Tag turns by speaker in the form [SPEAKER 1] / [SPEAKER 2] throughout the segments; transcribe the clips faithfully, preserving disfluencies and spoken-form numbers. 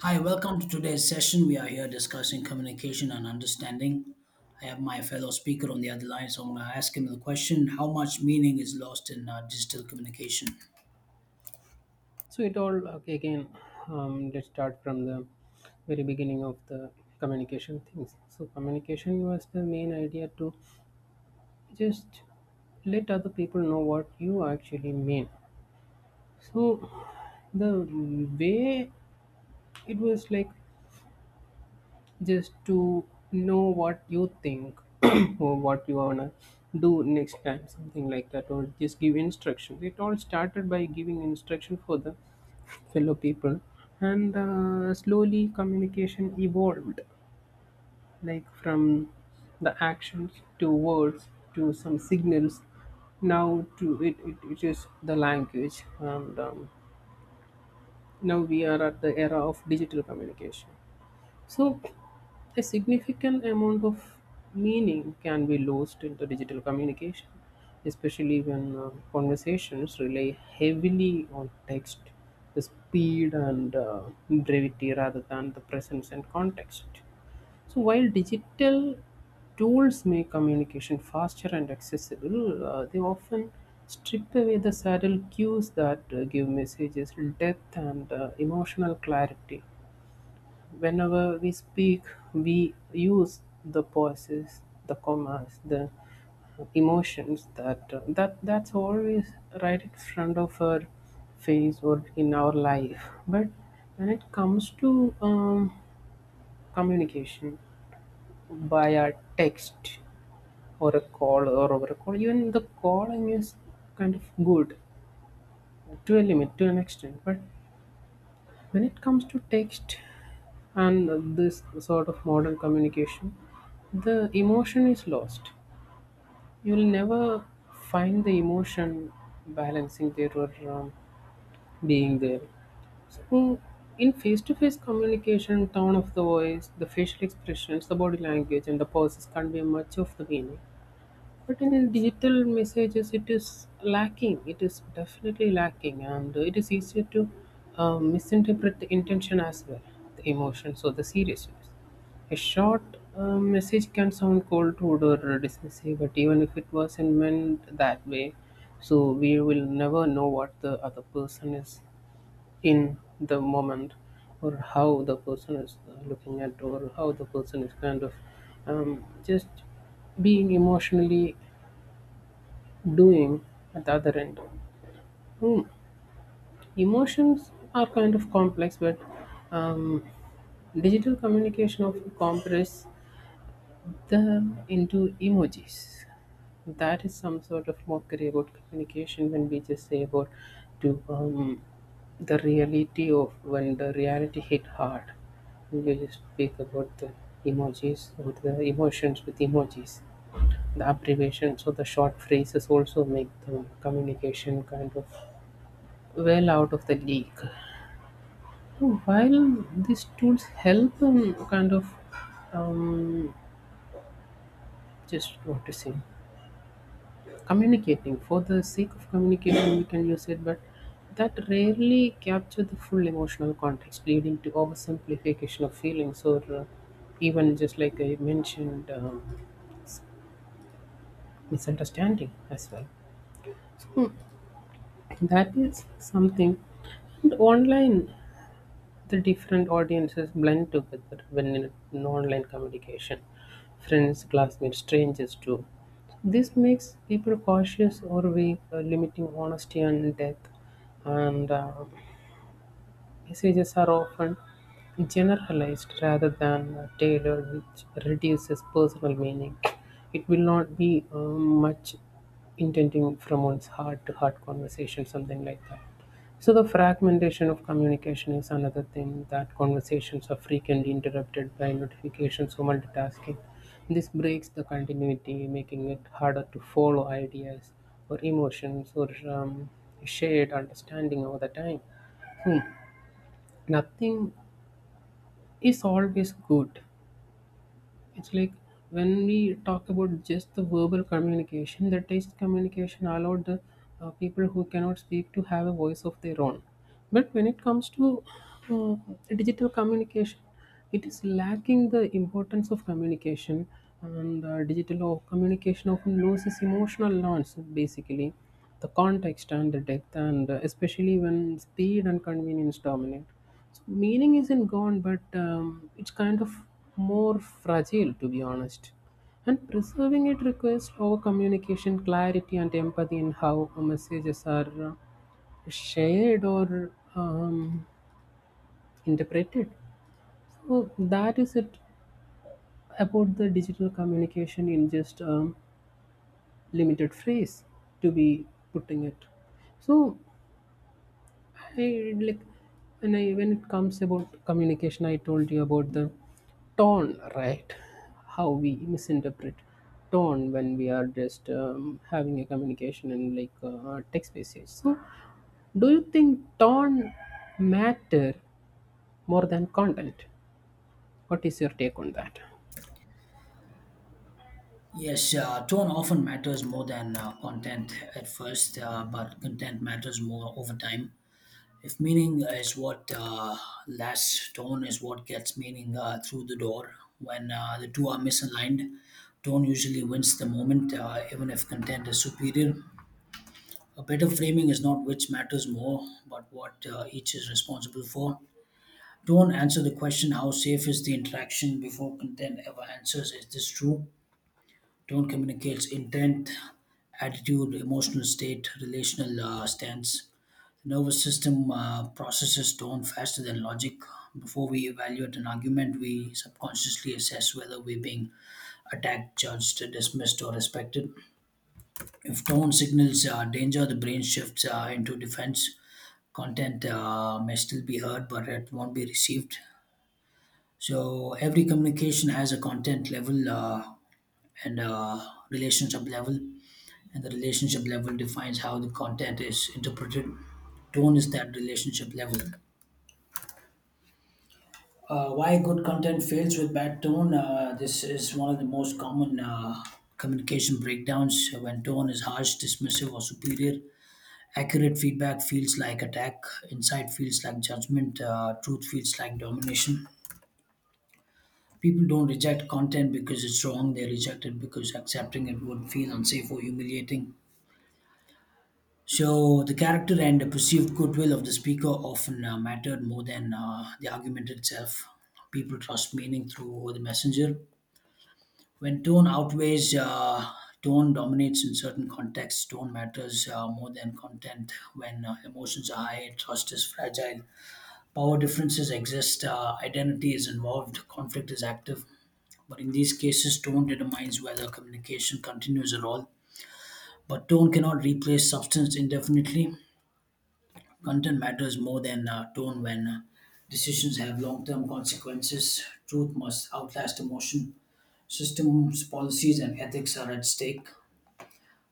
[SPEAKER 1] Hi, welcome to today's session. We are here discussing communication and understanding. I have my fellow speaker on the other line, so I'm going to ask him the question, how much meaning is lost in uh, digital communication?
[SPEAKER 2] So it all okay, again. Um, let's start from the very beginning of the communication things. So communication was the main idea to just let other people know what you actually mean. So the way it was like just to know what you think or what you wanna do next time, something like that, or just give instructions. It all started by giving instruction for the fellow people, and uh, slowly communication evolved like from the actions to words to some signals now to it, it, it is the language, and um, now we are at the era of digital communication. So a significant amount of meaning can be lost in the digital communication, especially when uh, conversations rely heavily on text, the speed and uh, brevity rather than the presence and context. So, while digital tools make communication faster and accessible, uh, they often strip away the subtle cues that uh, give messages depth and uh, emotional clarity. Whenever we speak, we use the pauses, the commas, the emotions that that that's always right in front of our face or in our life. But when it comes to um, communication by a text or a call or over a call, even the calling is kind of good to a limit, to an extent, but when it comes to text and this sort of modern communication, the emotion is lost. You'll never find the emotion balancing there, or um, being there. So in face-to-face communication, tone of the voice, the facial expressions, the body language, and the pauses convey much of the meaning, but in digital messages, it is lacking. It is definitely lacking, and it is easier to um, misinterpret the intention as well, the emotions or the seriousness. A short uh, message can sound cold, rude, or dismissive, but even if it wasn't meant that way, so we will never know what the other person is in the moment, or how the person is uh, looking at, or how the person is kind of um, just being emotionally doing at the other end. Hmm. Emotions are kind of complex, but um, digital communication of compress them into emojis. That is some sort of mockery about communication when we just say about to um, the reality of when the reality hit hard. You just speak about the emojis, about the emotions with emojis. The abbreviations or the short phrases also make the communication kind of well out of the league. So while these tools help in kind of um, just noticing, communicating for the sake of communicating, we can use it, but that rarely capture the full emotional context, leading to oversimplification of feelings, or uh, even just like I mentioned, um, misunderstanding as well. That is something. And online, the different audiences blend together when in in online communication. Friends, classmates, strangers too. This makes people cautious or weak, uh, limiting honesty and depth. And uh, messages are often generalized rather than tailored, which reduces personal meaning. It will not be uh, much intending from one's heart to heart conversation, something like that. So, the fragmentation of communication is another thing that conversations are frequently interrupted by notifications or multitasking. This breaks the continuity, making it harder to follow ideas or emotions or um, shared understanding over the time. Hmm, nothing is always good. It's like when we talk about just the verbal communication, the text communication allowed the uh, people who cannot speak to have a voice of their own. But when it comes to uh, digital communication, it is lacking the importance of communication, and uh, digital o- communication often loses emotional nuance, basically, the context and the depth, and uh, especially when speed and convenience dominate. So meaning isn't gone, but um, it's kind of more fragile, to be honest. And preserving it requires over communication, clarity, and empathy in how messages are uh, shared or um, interpreted. So that is it about the digital communication in just um, limited phrase, to be putting it. So I like when I when it comes about communication, I told you about the tone, right? How we misinterpret tone when we are just um, having a communication in like uh, text message. So, do you think tone matter more than content? What is your take on that?
[SPEAKER 1] Yes, uh, tone often matters more than uh, content at first, uh, but content matters more over time. If meaning is what uh, lasts, tone is what gets meaning uh, through the door. When uh, the two are misaligned, tone usually wins the moment, uh, even if content is superior. A better framing is not which matters more, but what uh, each is responsible for. Don't answer the question, how safe is the interaction, before content ever answers, is this true? Don't communicate intent, attitude, emotional state, relational uh, stance. The nervous system uh, processes tone faster than logic. Before we evaluate an argument, we subconsciously assess whether we're being attacked, judged, dismissed, or respected. If tone signals uh, danger, the brain shifts uh, into defense. Content uh, may still be heard, but it won't be received. So every communication has a content level uh, and a relationship level, and the relationship level defines how the content is interpreted. Tone is that relationship level. Uh, why good content fails with bad tone? Uh, this is one of the most common uh, communication breakdowns when tone is harsh, dismissive, or superior. Accurate feedback feels like attack, insight feels like judgment, uh, truth feels like domination. People don't reject content because it's wrong, they reject it because accepting it would feel unsafe or humiliating. So, the character and the perceived goodwill of the speaker often uh, mattered more than uh, the argument itself. People trust meaning through the messenger. When tone outweighs, uh, tone dominates in certain contexts, tone matters uh, more than content. When uh, emotions are high, trust is fragile. Power differences exist, uh, identity is involved, conflict is active. But in these cases, tone determines whether communication continues at all. But tone cannot replace substance indefinitely. Content matters more than uh, tone when uh, decisions have long term consequences. Truth must outlast emotion. Systems, policies, and ethics are at stake.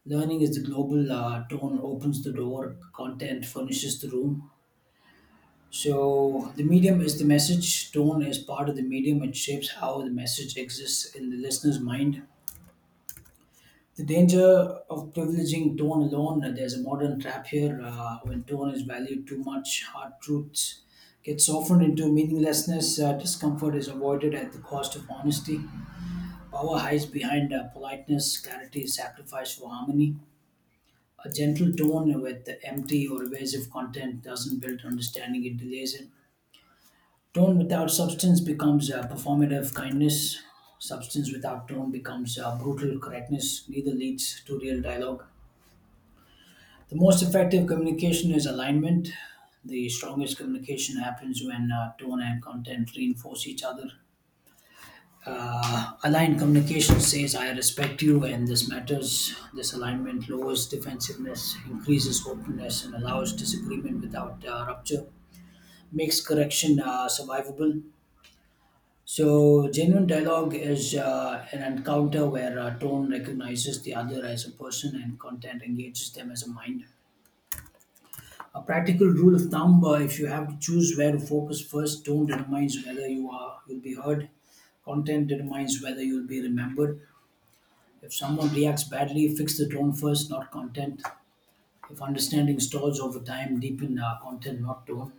[SPEAKER 1] Learning is the global uh, tone, opens the door, content furnishes the room. So the medium is the message. Tone is part of the medium. It shapes how the message exists in the listener's mind. The danger of privileging tone alone. uh, There's a modern trap here. Uh, when tone is valued too much, hard truths get softened into meaninglessness. Uh, discomfort is avoided at the cost of honesty. Power hides behind uh, politeness. Clarity is sacrificed for harmony. A gentle tone with empty or evasive content doesn't build understanding. It delays it. Tone without substance becomes uh, performative kindness. Substance without tone becomes uh, brutal correctness. Neither leads to real dialogue. The most effective communication is alignment. The strongest communication happens when uh, tone and content reinforce each other. Uh, aligned communication says, I respect you and this matters. This alignment lowers defensiveness, increases openness, and allows disagreement without uh, rupture, makes correction uh, survivable. So, genuine dialogue is uh, an encounter where a tone recognizes the other as a person and content engages them as a mind. A practical rule of thumb: uh, if you have to choose where to focus first, tone determines whether you are you'll be heard. Content determines whether you'll be remembered. If someone reacts badly, fix the tone first, not content. If understanding stalls over time, deepen uh, content, not tone.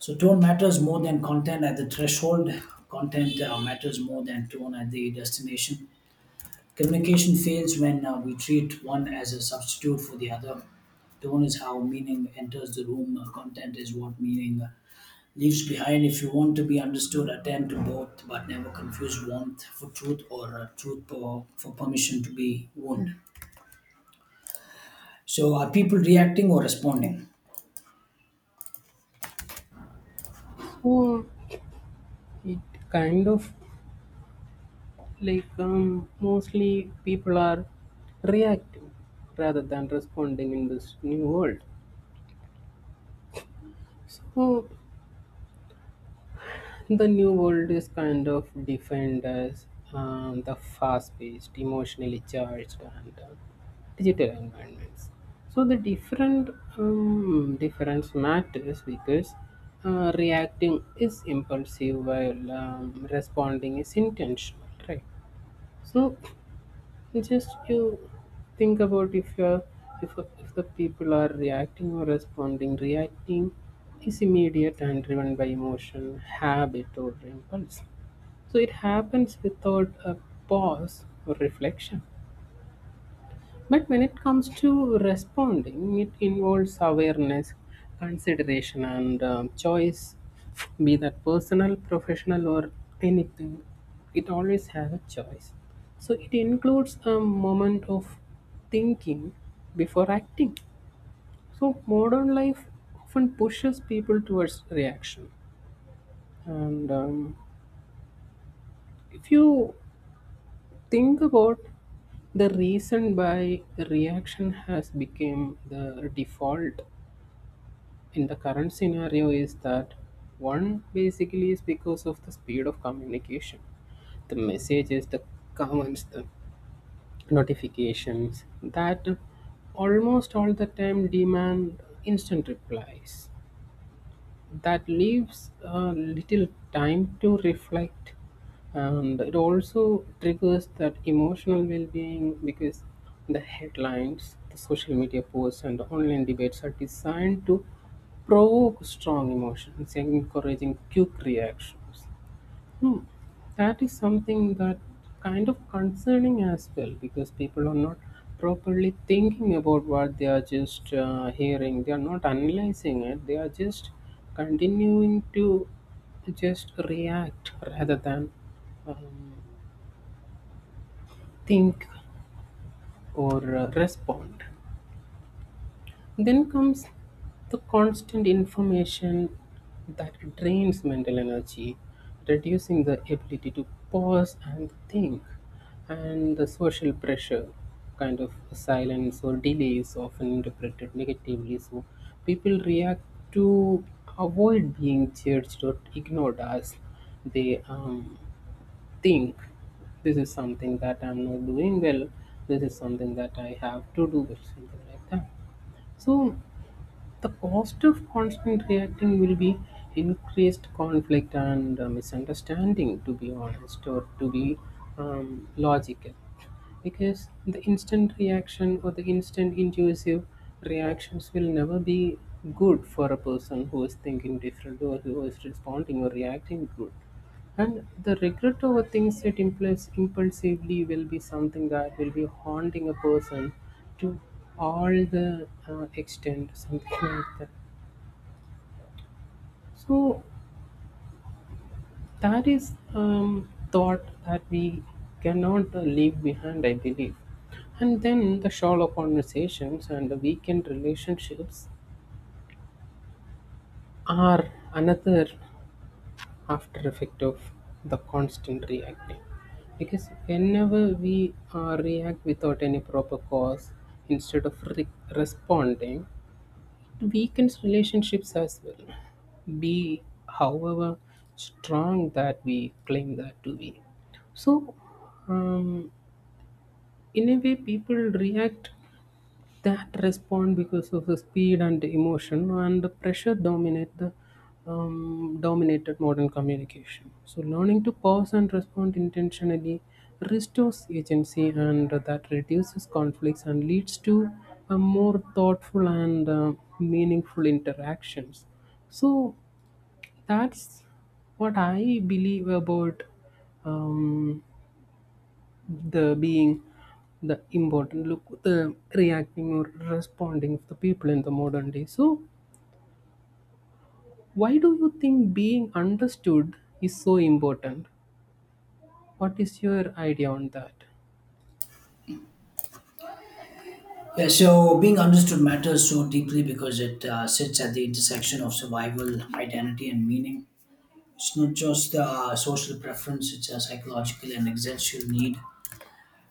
[SPEAKER 1] So tone matters more than content at the threshold. Content uh, matters more than tone at the destination. Communication fails when uh, we treat one as a substitute for the other. Tone is how meaning enters the room, uh, content is what meaning uh, leaves behind. If you want to be understood, attend to both, but never confuse warmth for truth or uh, truth for, for permission to be wound. So, are people reacting or responding?
[SPEAKER 2] So it kind of like um, mostly people are reacting rather than responding in this new world. So the new world is kind of defined as um, the fast-paced, emotionally charged, and uh, digital environments. So the different um, difference matters because uh, reacting is impulsive, while um, responding is intentional, right? So it's just you think about if you're if, if the people are reacting or responding. Reacting is immediate and driven by emotion, habit, or impulse. So it happens without a pause or reflection. But when it comes to responding, it involves awareness, consideration, and um, choice, be that personal, professional, or anything. It always has a choice. So it includes a moment of thinking before acting. So modern life often pushes people towards reaction. And um, if you think about the reason why reaction has become the default in the current scenario is that one basically is because of the speed of communication, the messages, the comments, the notifications that almost all the time demand instant replies, that leaves uh, little time to reflect, and it also triggers that emotional well-being because the headlines, the social media posts, and the online debates are designed to provoke strong emotions, encouraging quick reactions. Hmm. That is something that kind of concerning as well because people are not properly thinking about what they are just uh, hearing. They are not analyzing it. They are just continuing to just react rather than um, think, or uh, respond. Then comes the constant information that drains mental energy, reducing the ability to pause and think, and the social pressure, kind of silence or delay, is often interpreted negatively. So people react to avoid being judged or ignored, as they um, think this is something that I'm not doing well, this is something that I have to do, or something like that. So the cost of constant reacting will be increased conflict and uh, misunderstanding, to be honest, or to be um, logical. Because the instant reaction or the instant intuitive reactions will never be good for a person who is thinking different or who is responding or reacting good. And the regret over things that impulse impulsively will be something that will be haunting a person to all the uh, extent, something like that. So that is um, thought that we cannot uh, leave behind, I believe. And then the shallow conversations and the weekend relationships are another after effect of the constant reacting. Because whenever we uh, react without any proper cause, instead of re- responding, weakens relationships as well. Be however strong that we claim that to be. So, um, in a way, people react that respond because of the speed and emotion, and the pressure dominate the um, dominated modern communication. So learning to pause and respond intentionally restores agency, and that reduces conflicts and leads to a more thoughtful and uh, meaningful interactions. So that's what I believe about um, the being the important look, the reacting or responding of the people in the modern day. So why do you think being understood is so important? What is your idea on that?
[SPEAKER 1] Yeah, so being understood matters so deeply because it uh, sits at the intersection of survival, identity, and meaning. It's not just uh, social preference, it's a psychological and existential need.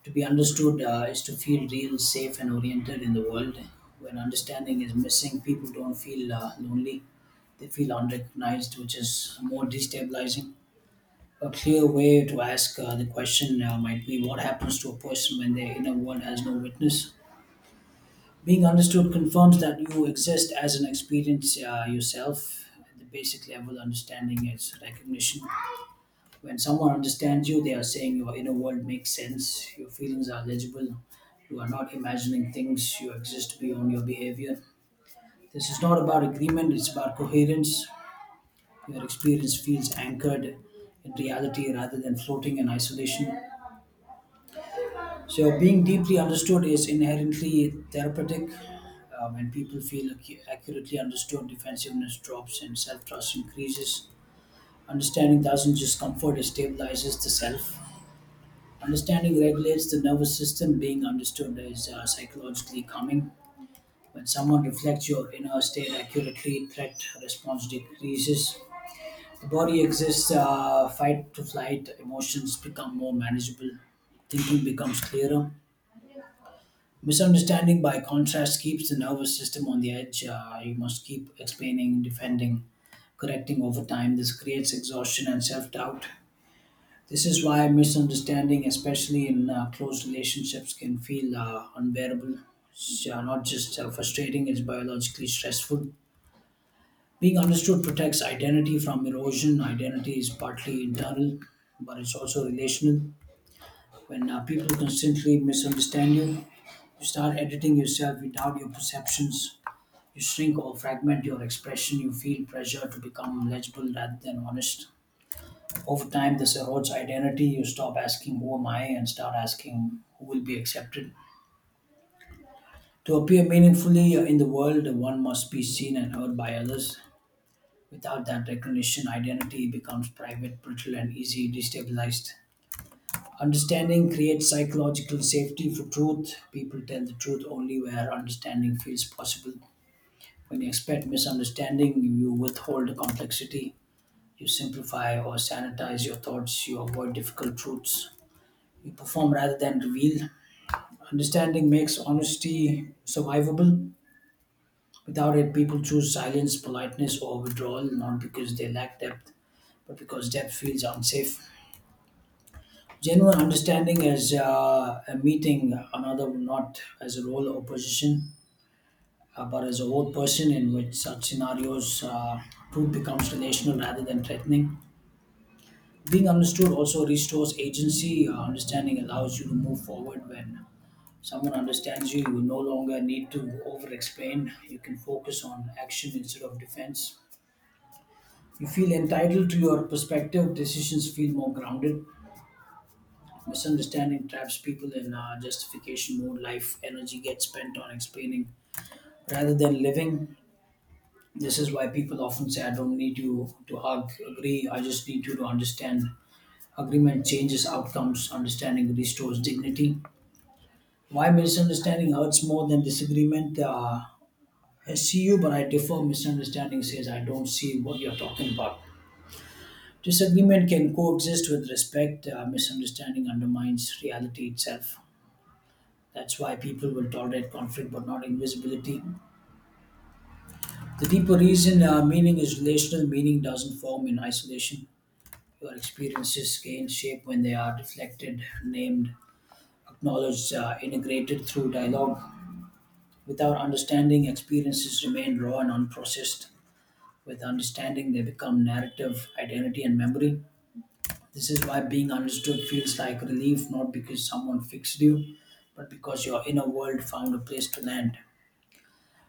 [SPEAKER 1] To be understood uh, is to feel real, safe, and oriented in the world. When understanding is missing, people don't feel uh, lonely, they feel unrecognized, which is more destabilizing. A clear way to ask uh, the question uh, might be, what happens to a person when their inner world has no witness? Being understood confirms that you exist as an experience uh, yourself. At the basic level, understanding is recognition. When someone understands you, they are saying your inner world makes sense, your feelings are legible, you are not imagining things, you exist beyond your behavior. This is not about agreement, it's about coherence. Your experience feels anchored in reality rather than floating in isolation. So, being deeply understood is inherently therapeutic. Uh, when people feel ac- accurately understood, defensiveness drops and self trust increases. Understanding doesn't just comfort, it stabilizes the self. Understanding regulates the nervous system. Being understood is uh, psychologically calming. When someone reflects your inner state accurately, threat response decreases. The body exists, uh, fight to flight, emotions become more manageable, thinking becomes clearer. Misunderstanding, by contrast, keeps the nervous system on the edge. Uh, you must keep explaining, defending, correcting over time. This creates exhaustion and self doubt. This is why misunderstanding, especially in uh, close relationships, can feel uh, unbearable. It's uh, not just uh, frustrating, it's biologically stressful. Being understood protects identity from erosion. Identity is partly internal, but it's also relational. When uh, people constantly misunderstand you, you start editing yourself without your perceptions. You shrink or fragment your expression. You feel pressure to become legible rather than honest. Over time, this erodes identity. You stop asking, who am I? And start asking, who will be accepted? To appear meaningfully in the world, one must be seen and heard by others. Without that recognition, identity becomes private, brittle, and easily destabilized. Understanding creates psychological safety for truth. People tell the truth only where understanding feels possible. When you expect misunderstanding, you withhold complexity. You simplify or sanitize your thoughts. You avoid difficult truths. We perform rather than reveal. Understanding makes honesty survivable. Without it, people choose silence, politeness, or withdrawal, not because they lack depth, but because depth feels unsafe. Genuine understanding as uh, a meeting another, not as a role or position, uh, but as a whole person, in which such scenarios, uh, truth becomes relational rather than threatening. Being understood also restores agency. Uh, understanding allows you to move forward. When someone understands you, you no longer need to over explain. You can focus on action instead of defense. You feel entitled to your perspective, decisions feel more grounded. Misunderstanding traps people in uh, justification mode. Life energy gets spent on explaining rather than living. This is why people often say, I don't need you to hug, agree, I just need you to understand. Agreement changes outcomes, understanding restores dignity. Why misunderstanding hurts more than disagreement? Uh, I see you, but I differ. Misunderstanding says, I don't see what you're talking about. Disagreement can coexist with respect. Uh, misunderstanding undermines reality itself. That's why people will tolerate conflict but not invisibility. The deeper reason uh, meaning is relational, meaning doesn't form in isolation. Your experiences gain shape when they are reflected, named, acknowledged, uh, integrated through dialogue. Without understanding, experiences remain raw and unprocessed. With understanding, they become narrative, identity, and memory. This is why being understood feels like relief, not because someone fixed you, but because your inner world found a place to land.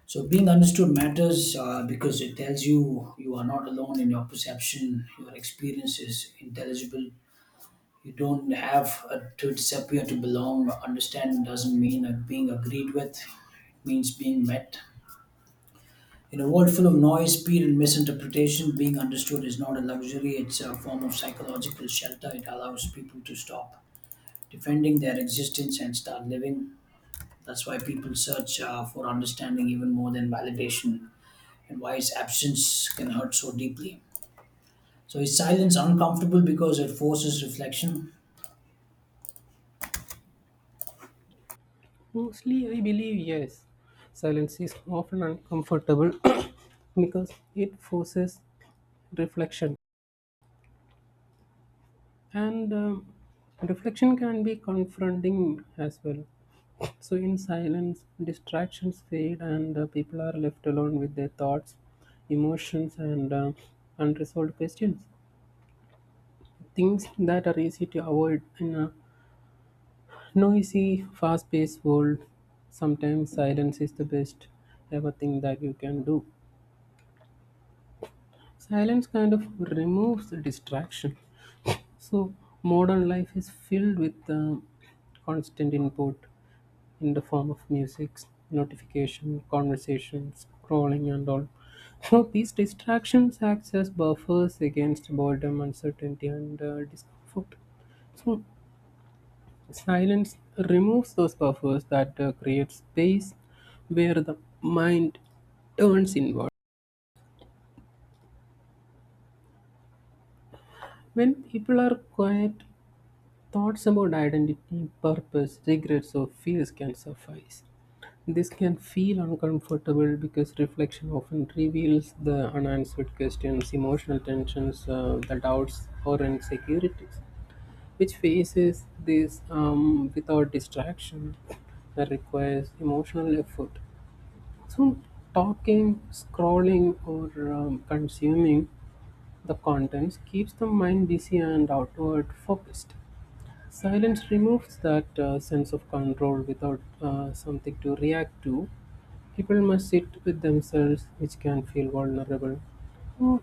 [SPEAKER 1] So, being understood matters uh, because it tells you you are not alone in your perception, your experience is intelligible. You don't have uh, to disappear to belong. Understanding doesn't mean uh, being agreed with, it means being met. In a world full of noise, speed, and misinterpretation, being understood is not a luxury, it's a form of psychological shelter. It allows people to stop defending their existence and start living. That's why people search uh, for understanding even more than validation, and why its absence can hurt so deeply. So, is silence uncomfortable because it forces reflection?
[SPEAKER 2] Mostly I believe yes, silence is often uncomfortable because it forces reflection, and um, reflection can be confronting as well. So, in silence, distractions fade, and uh, people are left alone with their thoughts, emotions, and uh, unresolved questions. Things that are easy to avoid in a noisy, fast paced world. Sometimes silence is the best ever thing that you can do. Silence kind of removes the distraction. So, modern life is filled with uh, constant input in the form of music, notification, conversations, scrolling, and all. So these distractions act as buffers against boredom, uncertainty, and uh, discomfort. So silence removes those buffers that uh, create space where the mind turns inward. When people are quiet, thoughts about identity, purpose, regrets, or fears can suffice. This can feel uncomfortable because reflection often reveals the unanswered questions, emotional tensions, uh, the doubts, or insecurities, which faces this um, without distraction that requires emotional effort. So, talking, scrolling, or um, consuming the contents keeps the mind busy and outward focused. Silence removes that uh, sense of control without uh, something to react to. People must sit with themselves, which can feel vulnerable. So,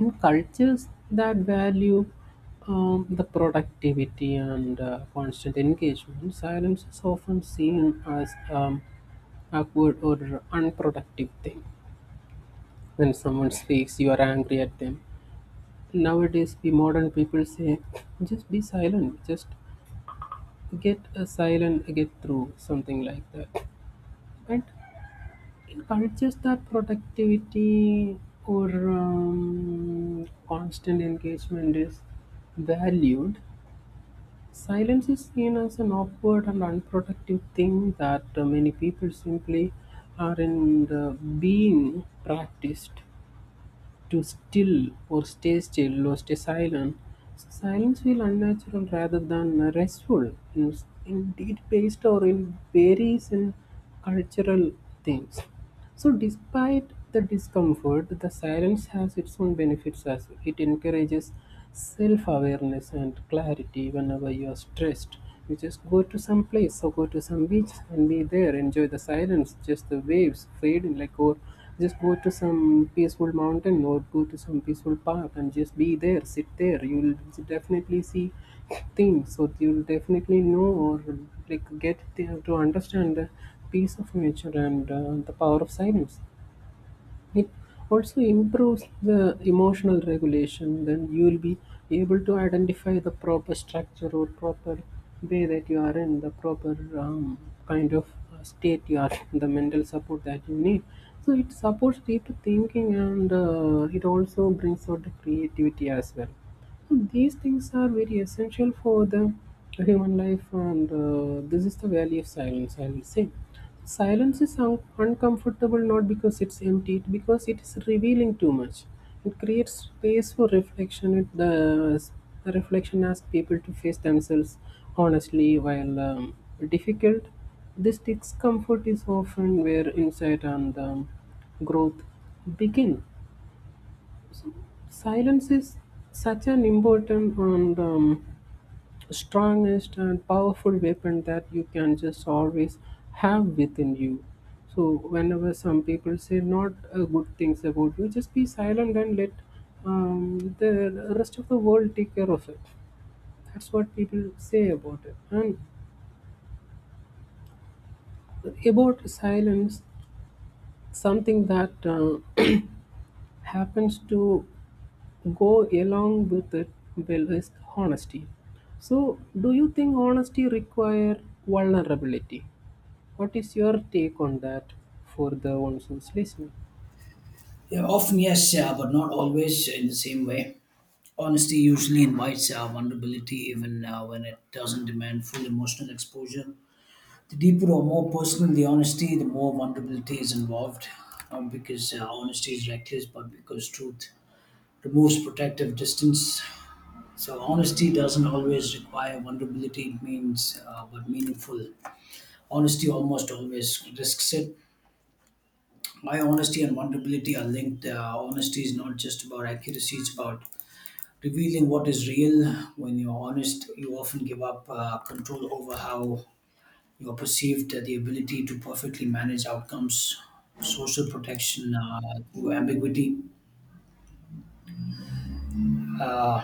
[SPEAKER 2] in cultures that value um, the productivity and uh, constant engagement, silence is often seen as um, awkward or unproductive thing. When someone speaks, you are angry at them. Nowadays, we modern people say, just be silent, just get a silent get through something like that, and encourages that productivity or um, constant engagement is valued. Silence is seen as an awkward and unproductive thing that uh, many people simply aren't uh, being practiced to still, or stay still or stay silent, silence feels unnatural rather than restful. In- Indeed, based or in varies in cultural things. So, despite the discomfort, the silence has its own benefits as well. It encourages self awareness and clarity whenever you are stressed. You just go to some place, so go to some beach and be there, enjoy the silence, just the waves fading, like, or just go to some peaceful mountain or go to some peaceful park and just be there, sit there. You'll definitely see things, so you'll definitely know or like get the, to understand the peace of nature and uh, the power of silence. It also improves the emotional regulation. Then you will be able to identify the proper structure or proper way that you are in, the proper um, kind of uh, state you are in, the mental support that you need. So it supports deep thinking, and uh, it also brings out the creativity as well. So, these things are very essential for the human life, and uh, this is the value of silence. I will say, silence is un- uncomfortable not because it's empty, it because it is revealing too much. It creates space for reflection. It does. The reflection asks people to face themselves honestly, while um, difficult. This discomfort is often where insight and um, growth begin. Silence is such an important and um, strongest and powerful weapon that you can just always have within you. So, whenever some people say not uh, good things about you, just be silent and let um, the rest of the world take care of it. That's what people say about it. And about silence, something that uh, happens to go along with it well is honesty. So, do you think honesty require vulnerability? What is your take on that for the ones who's listening?
[SPEAKER 1] Yeah, often, yes, yeah, but not always in the same way. Honesty usually invites uh, vulnerability, even uh, when it doesn't demand full emotional exposure. The deeper or more personal the honesty, the more vulnerability is involved. Not because uh, honesty is reckless, but because truth removes protective distance. So honesty doesn't always require vulnerability. It means, uh, but meaningful. Honesty almost always risks it. Why honesty and vulnerability are linked. Uh, honesty is not just about accuracy; it's about revealing what is real. When you're honest, you often give up uh, control over how you are perceived uh, the ability to perfectly manage outcomes, social protection uh, through ambiguity. Uh,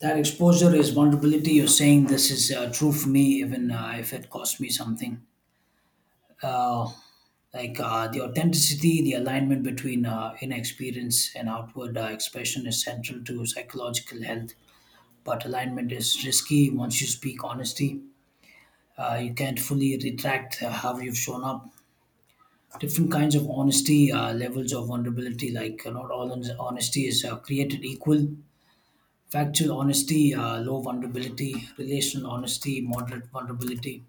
[SPEAKER 1] that exposure is vulnerability. You're saying this is uh, true for me, even uh, if it cost me something. Uh, like uh, the authenticity, the alignment between uh, inner experience and outward uh, expression is central to psychological health. But alignment is risky once you speak honesty. Uh, you can't fully retract uh, how you've shown up different kinds of honesty, uh, levels of vulnerability. Like uh, not all hon- honesty is uh, created equal. Factual honesty, uh, low vulnerability. Relational honesty, moderate vulnerability.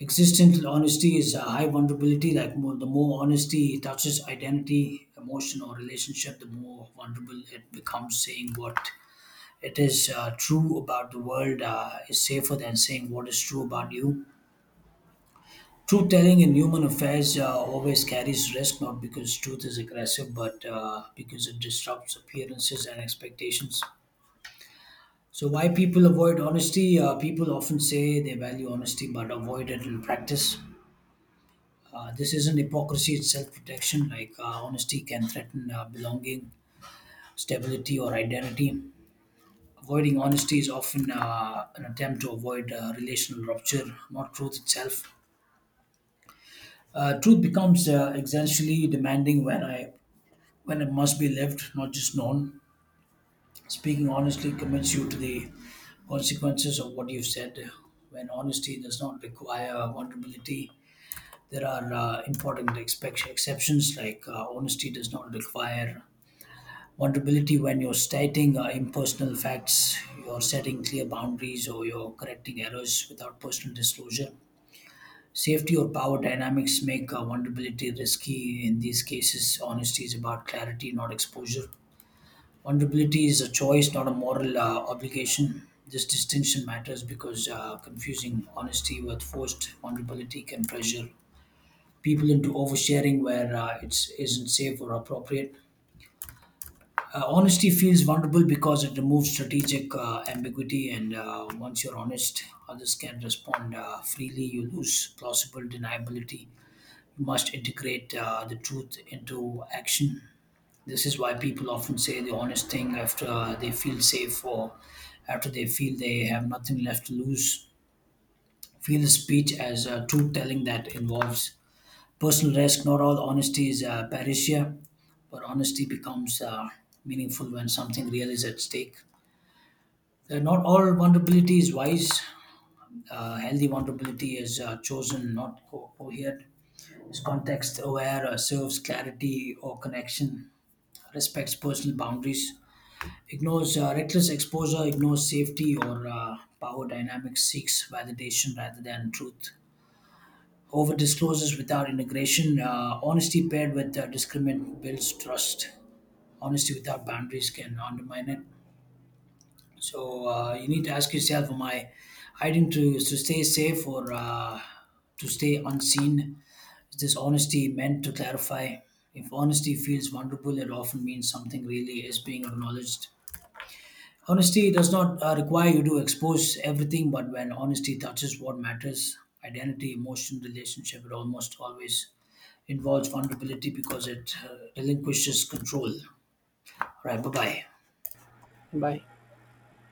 [SPEAKER 1] Existential honesty is uh, high vulnerability. Like more, the more honesty touches identity, emotion, or relationship, the more vulnerable it becomes. Saying what it is uh, true about the world uh, is safer than saying what is true about you. Truth telling in human affairs uh, always carries risk, not because truth is aggressive, but uh, because it disrupts appearances and expectations. So, why people avoid honesty? Uh, people often say they value honesty but avoid it in practice. Uh, this isn't hypocrisy, it's self protection. Like, uh, honesty can threaten uh, belonging, stability, or identity. Avoiding honesty is often uh, an attempt to avoid uh, relational rupture, not truth itself. Uh, truth becomes uh, existentially demanding when I when it must be left, not just known. Speaking honestly commits you to the consequences of what you've said. When honesty does not require vulnerability, there are uh, important expect- exceptions, like uh, honesty does not require vulnerability when you're stating uh, impersonal facts, you're setting clear boundaries, or you're correcting errors without personal disclosure. Safety or power dynamics make uh, vulnerability risky. In these cases, honesty is about clarity, not exposure. Vulnerability is a choice, not a moral uh, obligation. This distinction matters because uh, confusing honesty with forced vulnerability can pressure people into oversharing where uh, it isn't safe or appropriate. Uh, honesty feels vulnerable because it removes strategic uh, ambiguity, and uh, once you're honest, others can respond uh, freely. You lose plausible deniability. You must integrate uh, the truth into action. This is why people often say the honest thing after uh, they feel safe or after they feel they have nothing left to lose. Feel the speech as uh, truth telling that involves personal risk. Not all honesty is uh, parousia, but honesty becomes uh, meaningful when something real is at stake. Uh, not all vulnerability is wise. Uh, healthy vulnerability is uh, chosen, not co- cohered. It's context aware, uh, serves clarity or connection, respects personal boundaries. Ignores uh, reckless exposure, ignores safety or uh, power dynamics, seeks validation rather than truth. Over discloses without integration. Uh, honesty paired with uh, discriminant builds trust. Honesty without boundaries can undermine it. So uh, you need to ask yourself: Am I hiding to to stay safe or uh, to stay unseen? Is this honesty meant to clarify? If honesty feels vulnerable, it often means something really is being acknowledged. Honesty does not uh, require you to expose everything, but when honesty touches what matters identity, emotion, relationship it almost always involves vulnerability because it uh, relinquishes control. Right, bye bye.
[SPEAKER 2] Bye.